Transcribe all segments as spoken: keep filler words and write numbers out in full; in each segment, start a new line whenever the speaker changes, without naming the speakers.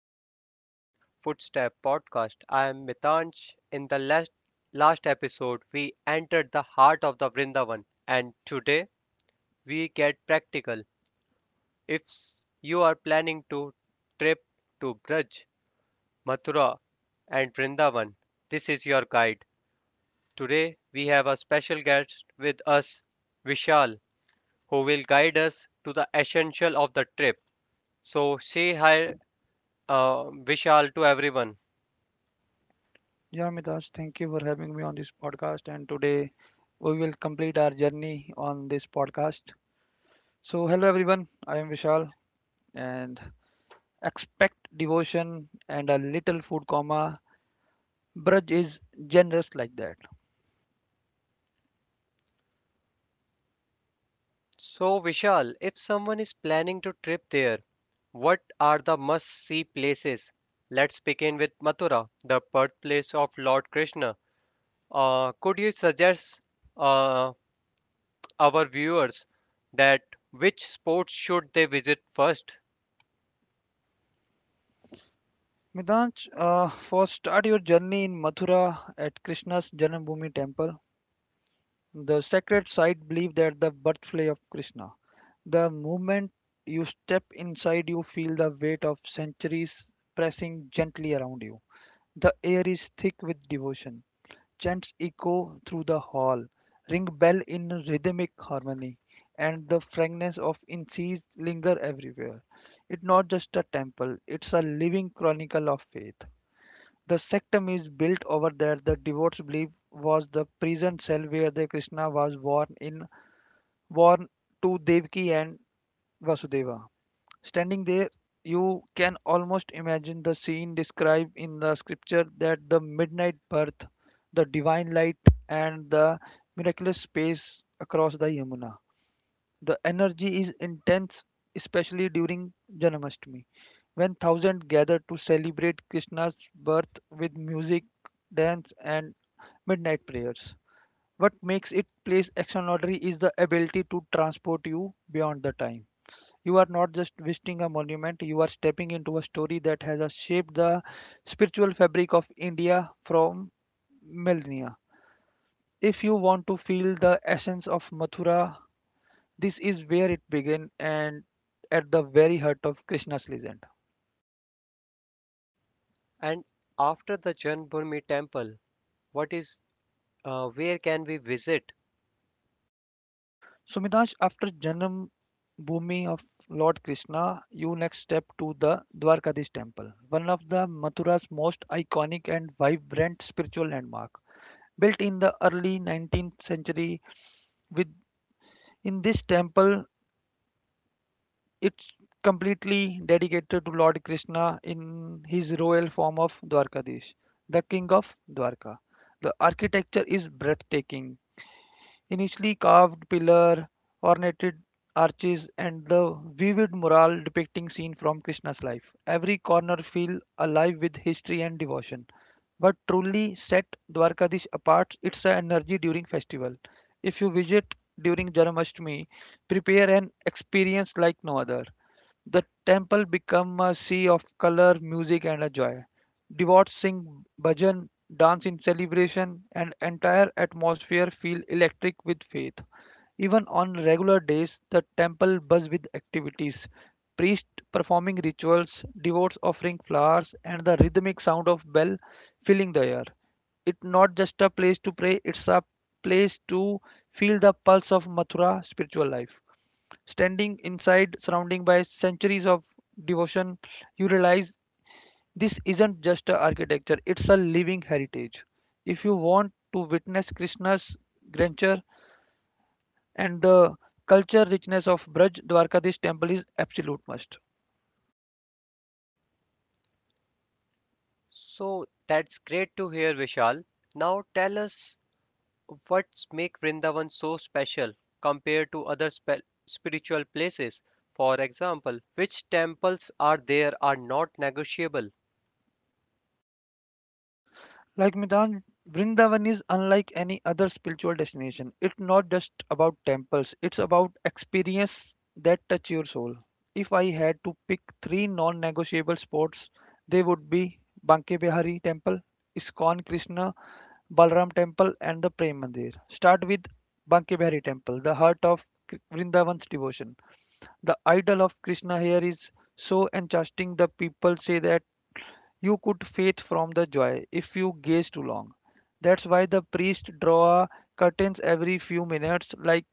back to Sacred Footstep Podcast. I am Mitansh. In the last last episode, we entered the heart of the Vrindavan, and today we get practical. If you are planning to trip to Braj, Mathura, and Vrindavan, this is your guide. Today we have a special guest with us, Vishal, who will guide us to the essential of the trip. So say hi, uh, Vishal, to everyone.
Yeah, Midas, thank you for having me on this podcast. And today we will complete our journey on this podcast. So, hello everyone, I am Vishal, and expect devotion and a little food, comma. Braj is generous like that.
So, Vishal, if someone is planning to trip there, what are the must-see places? Let's begin with Mathura, the birthplace of Lord Krishna. Uh, could you suggest uh, our viewers that which sports should they visit first?
Midanch, uh, first start your journey in Mathura at Krishna's Janambhumi temple. The sacred site believed that the birthplace of Krishna. The moment you step inside, you feel the weight of centuries pressing gently around you. The air is thick with devotion. Chants echo through the hall, ring bell in rhythmic harmony, and the fragrance of incense linger everywhere. It's not just a temple, it's a living chronicle of faith. The sanctum is built over there the devotees believe was the prison cell where the Krishna was born in born to Devaki and Vasudeva. Standing there, you can almost imagine the scene described in the scripture that the midnight birth, the divine light, and the miraculous space across the Yamuna. The energy is intense, especially during Janmashtami, when thousands gather to celebrate Krishna's birth with music, dance, and midnight prayers. What makes it place extraordinary is the ability to transport you beyond the time. You are not just visiting a monument, you are stepping into a story that has uh, shaped the spiritual fabric of India from millennia. If you want to feel the essence of Mathura, this is where it began and at the very heart of Krishna's legend.
And after the Janbhoomi temple, what is uh, where can we visit?
So, Midash, after Janam Bhumi of Lord Krishna, you next step to the Dwarkadish temple, one of the Mathura's most iconic and vibrant spiritual landmark. Built in the early nineteenth century with In this temple, it's completely dedicated to Lord Krishna in his royal form of Dwarkadish, the king of Dwarka. The architecture is breathtaking Initially carved pillar, ornated arches, and the vivid mural depicting scene from Krishna's life. Every corner feel alive with history and devotion. What truly set Dwarkadish apart its the energy during festival. If you visit during Janmashtami, prepare an experience like no other. The temple became a sea of color, music and a joy. Devotees sing bhajan, dance in celebration and entire atmosphere feel electric with faith. Even on regular days, the temple buzz with activities. Priests performing rituals, devotees offering flowers, and the rhythmic sound of bell filling the air. It's not just a place to pray, it's a place to feel the pulse of Mathura spiritual life. Standing inside, surrounding by centuries of devotion, you realize this isn't just a architecture, it's a living heritage. If you want to witness Krishna's grandeur and the culture richness of Braj, Dwarkadish temple is absolute must.
So that's great to hear, Vishal. Now tell us what makes Vrindavan so special compared to other spe- spiritual places? For example, which temples are there are not negotiable?
Like Midan, Vrindavan is unlike any other spiritual destination. It's not just about temples, it's about experience that touch your soul. If I had to pick three non-negotiable spots, they would be Banke Bihari Temple, Iskon Krishna Balram Temple and the Prem Mandir. Start with Banke Bihari Temple, the heart of Kr- Vrindavan's devotion. The idol of Krishna here is so enchanting the people say that you could faint from the joy if you gaze too long. That's why the priest draw curtains every few minutes, like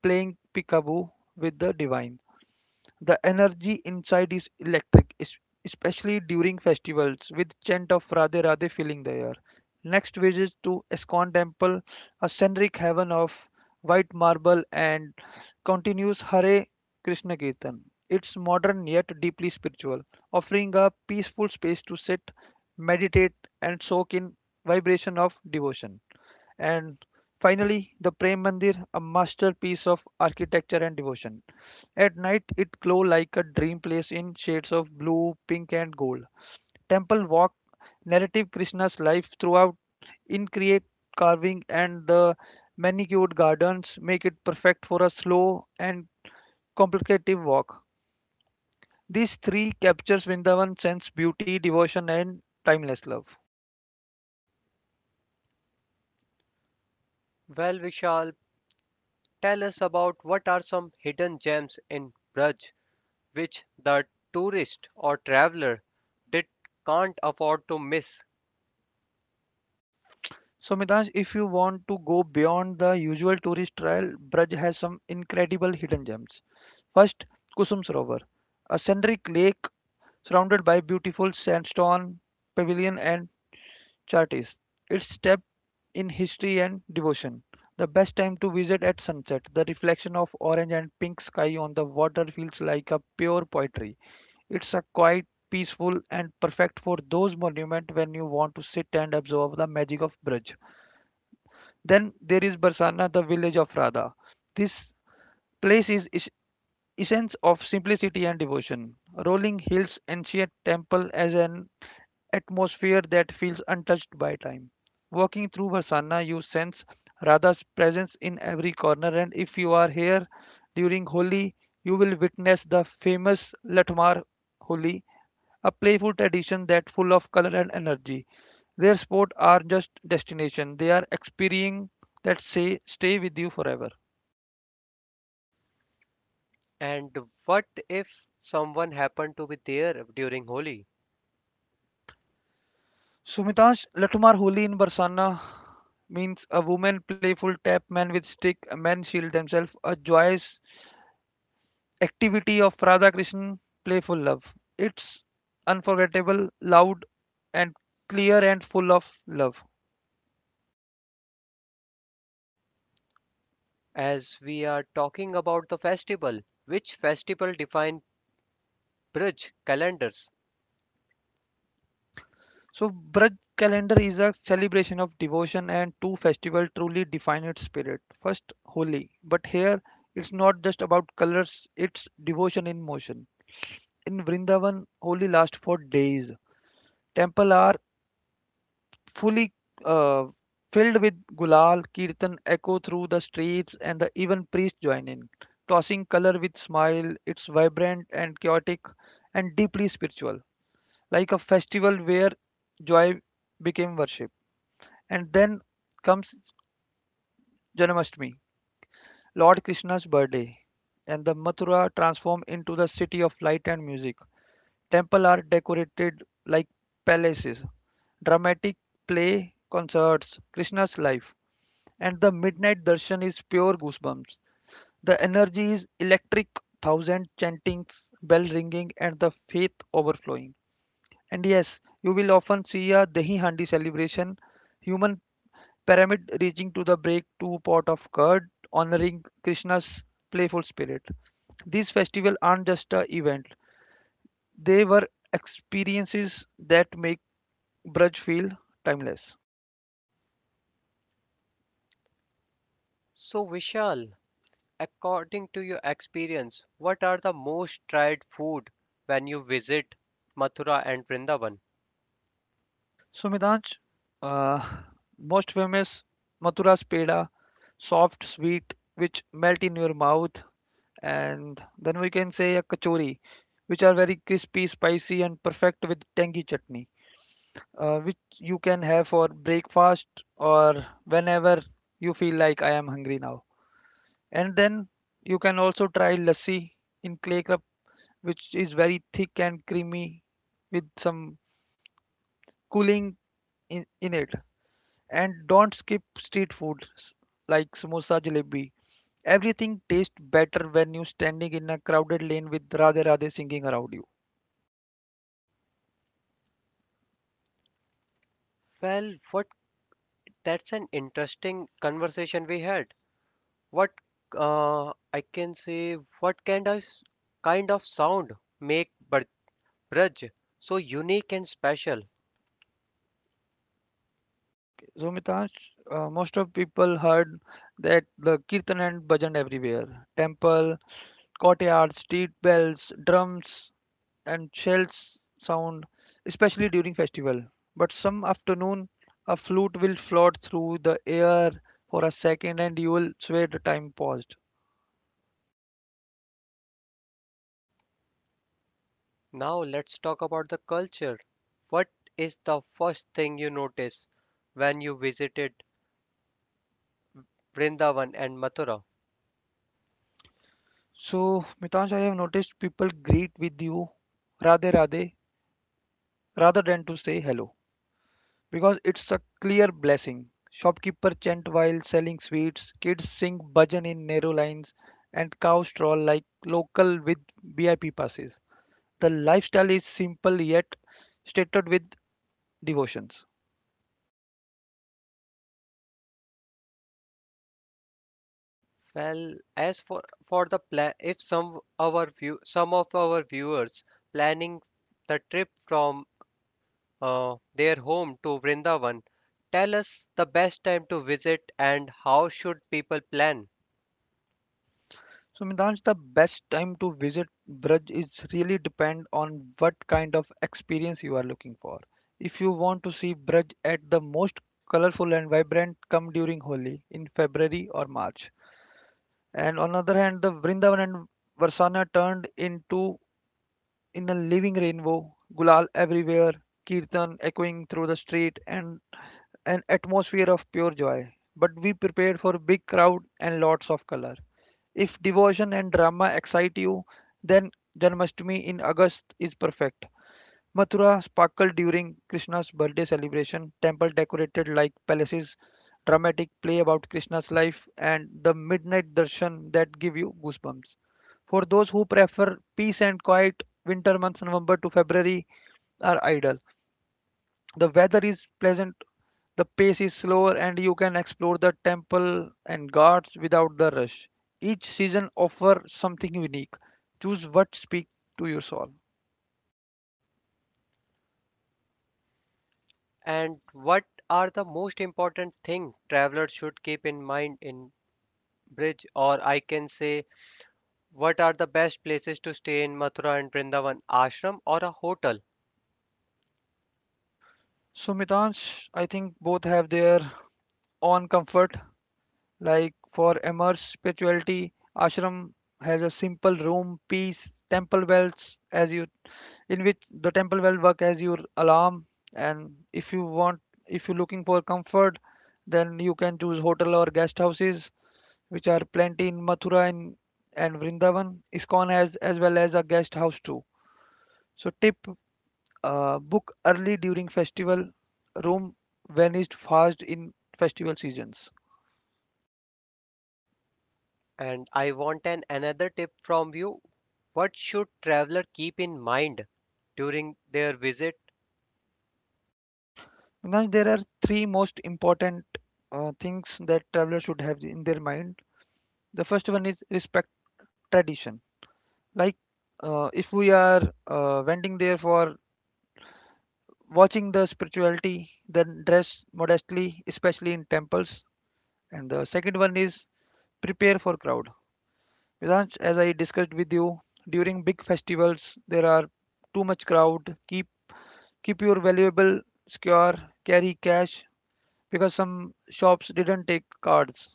playing peekaboo with the divine. The energy inside is electric, es- especially during festivals, with chant of Radhe Radhe filling the air. Next visit to Iskon Temple, a scenic heaven of white marble, and continues Hare Krishna Kirtan. It's modern yet deeply spiritual, offering a peaceful space to sit, meditate, and soak in vibration of devotion. And finally, the Prem Mandir, a masterpiece of architecture and devotion. At night, it glows like a dream place in shades of blue, pink, and gold. Temple walk narrative Krishna's life throughout intricate carving and the manicured gardens make it perfect for a slow and complicated walk. These three captures Vrindavan's sense, beauty, devotion, and timeless love.
Well, Vishal, tell us about what are some hidden gems in Braj which the tourist or traveler did can't afford to miss.
So, Mitansh, if you want to go beyond the usual tourist trail, Braj has some incredible hidden gems. First, Kusum Sarovar, a scenic lake surrounded by beautiful sandstone pavilion and chartis. It's step in history and devotion. The best time to visit at sunset. The reflection of orange and pink sky on the water feels like a pure poetry. It's a quiet, peaceful, and perfect for those monuments when you want to sit and absorb the magic of Braj. Then there is Barsana, the village of Radha. This Place is is- essence of simplicity and devotion. Rolling hills, ancient temple as an atmosphere that feels untouched by time. Walking through Varsana, you sense Radha's presence in every corner, and if you are here during Holi, you will witness the famous Latmar Holi, a playful tradition that full of color and energy. Their sport are just destination; they are experiencing that say stay with you forever.
And what if someone happened to be there during Holi?
Sumitansh Latumar Holi in Barsana means a woman playful tap man with stick, a man shield themselves, a joyous activity of Radha Krishna, playful love. It's unforgettable, loud and clear and full of love.
As we are talking about the festival, which festival define Braj calendars?
So Braj calendar is a celebration of devotion and two festivals truly define its spirit. First Holi, but here it's not just about colors, it's devotion in motion. In Vrindavan, Holi lasts for days. Temple are fully uh, filled with gulal kirtan echo through the streets and the even priests join in tossing color with smile it's vibrant and chaotic and deeply spiritual like a festival where joy became worship and then comes janmashtami lord krishna's birthday and the mathura transform into the city of light and music temple are decorated like palaces dramatic play concerts krishna's life and the midnight darshan is pure goosebumps. The energy is electric, thousand chantings, bell ringing, and the faith overflowing. And yes, you will often see a Dahi Handi celebration, human pyramid reaching to the break two pot of curd, honoring Krishna's playful spirit. These festivals aren't just a event; they were experiences that make Braj feel timeless.
So, Vishal, according to your experience, what are the most tried food when you visit Mathura and Vrindavan?
So Midanj, uh, most famous Mathura's peda, soft, sweet, which melt in your mouth, and then we can say a kachori, which are very crispy, spicy, and perfect with tangy chutney, uh, which you can have for breakfast or whenever you feel like I am hungry now. And then you can also try lassi in clay cup, which is very thick and creamy with some cooling in, in it. And don't skip street food s- like samosa, jalebi. Everything tastes better when you're standing in a crowded lane with Radhe Radhe singing around you.
Well, what that's an interesting conversation we had. What uh, I can say, what kind of kind of sound make Br- Braj so unique and special?
Okay, so, Mitash, uh, most of people heard that the kirtan and bhajan everywhere. Temple, courtyard, street bells, drums, and shells sound, especially during festival. But some afternoon, a flute will float through the air for a second, and you will swear the time paused.
Now let's talk about the culture. What is the first thing you notice when you visited Vrindavan and Mathura?
So, Mitansh, I have noticed people greet with you Radhe Radhe rather than to say hello because it's a clear blessing. Shopkeeper chant while selling sweets, kids sing bhajan in narrow lines, and cows stroll like local with V I P passes. The lifestyle is simple yet stated with devotions.
Well, as for for the plan, if some our view some of our viewers planning the trip from uh, their home to Vrindavan, tell us the best time to visit and how should people plan
So Midansh, the best time to visit Braj is really depend on what kind of experience you are looking for. If you want to see Braj at the most colorful and vibrant, come during Holi in February or March. And on the other hand, the Vrindavan and Varsana turned into in a living rainbow, gulal everywhere, kirtan echoing through the street, and an atmosphere of pure joy. But we prepared for big crowd and lots of color. If devotion and drama excite you, then Janmashtami in August is perfect. Mathura sparkled during Krishna's birthday celebration, temple decorated like palaces, dramatic play about Krishna's life, and the midnight darshan that give you goosebumps. For those who prefer peace and quiet, winter months November to February are ideal. The weather is pleasant, the pace is slower, and you can explore the temple and gardens without the rush. Each season offers something unique. Choose what speaks to your soul.
and what are the most important thing travelers should keep in mind in Bridge or I can say what are the best places to stay in Mathura and Vrindavan ashram or a hotel.
So, Mitansh, I think both have their own comfort. Like for immersed spirituality, ashram has a simple room, peace, temple bells as you in which the temple bell work as your alarm and if you want if you're looking for comfort then you can choose hotel or guest houses which are plenty in Mathura and, and Vrindavan. ISKCON has as well as a guest house too. So tip uh, book early during festival room vanished fast in festival seasons.
And I want an another tip from you. What should traveler keep in mind during their visit?
Now there are three most important uh, things that travelers should have in their mind. The first one is respect tradition. Like uh, if we are uh, wending there for watching the spirituality, then dress modestly, especially in temples. And the second one is prepare for crowd. Vedansh, as I discussed with you, during big festivals there are too much crowd. Keep keep your valuable secure. Carry cash because some shops didn't take cards.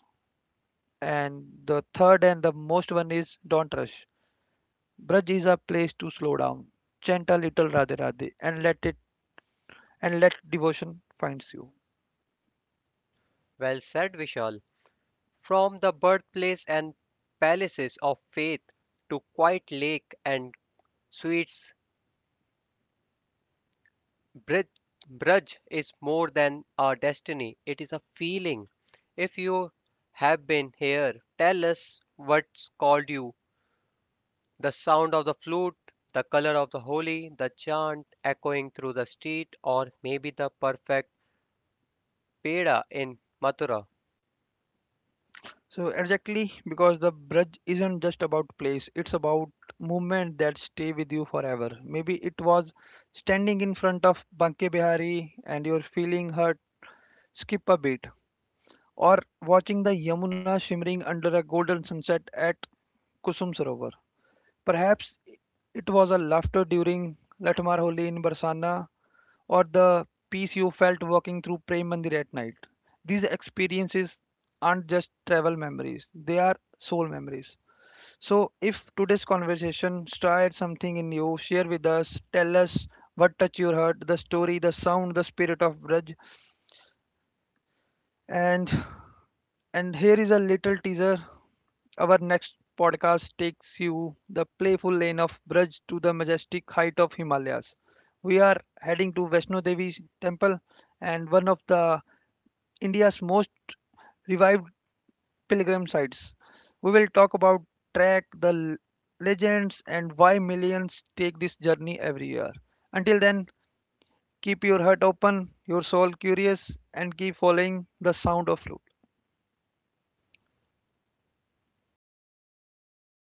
And the third and the most one is don't rush. Braj is a place to slow down, chant a little Radhe Radhe, and let it and let devotion finds you.
Well said, Vishal. From the birthplace and palaces of faith to quiet lake and sweets, Brij, Braj is more than a destiny. It is a feeling. If you have been here, tell us what's called you. The sound of the flute, the color of the holy, the chant echoing through the street, or maybe the perfect peda in Mathura.
So exactly because the Braj isn't just about place, it's about movement that stay with you forever. Maybe it was standing in front of Banke Bihari and you're feeling hurt, skip a beat, or watching the Yamuna shimmering under a golden sunset at Kusum Sarovar. Perhaps it was a laughter during Latmar Holi in Barsana or the peace you felt walking through Prem Mandir at night. These experiences aren't just travel memories, they are soul memories. So, if today's conversation stirred something in you, share with us, tell us what touched your heart, the story, the sound, the spirit of Braj, and and here is a little teaser. Our next podcast takes you the playful lane of Braj to the majestic height of Himalayas. We are heading to Vaishno Devi temple and one of the India's most revived pilgrim sites. We will talk about trek, the l- legends, and why millions take this journey every year. Until then, keep your heart open, your soul curious, and keep following the sound of roots.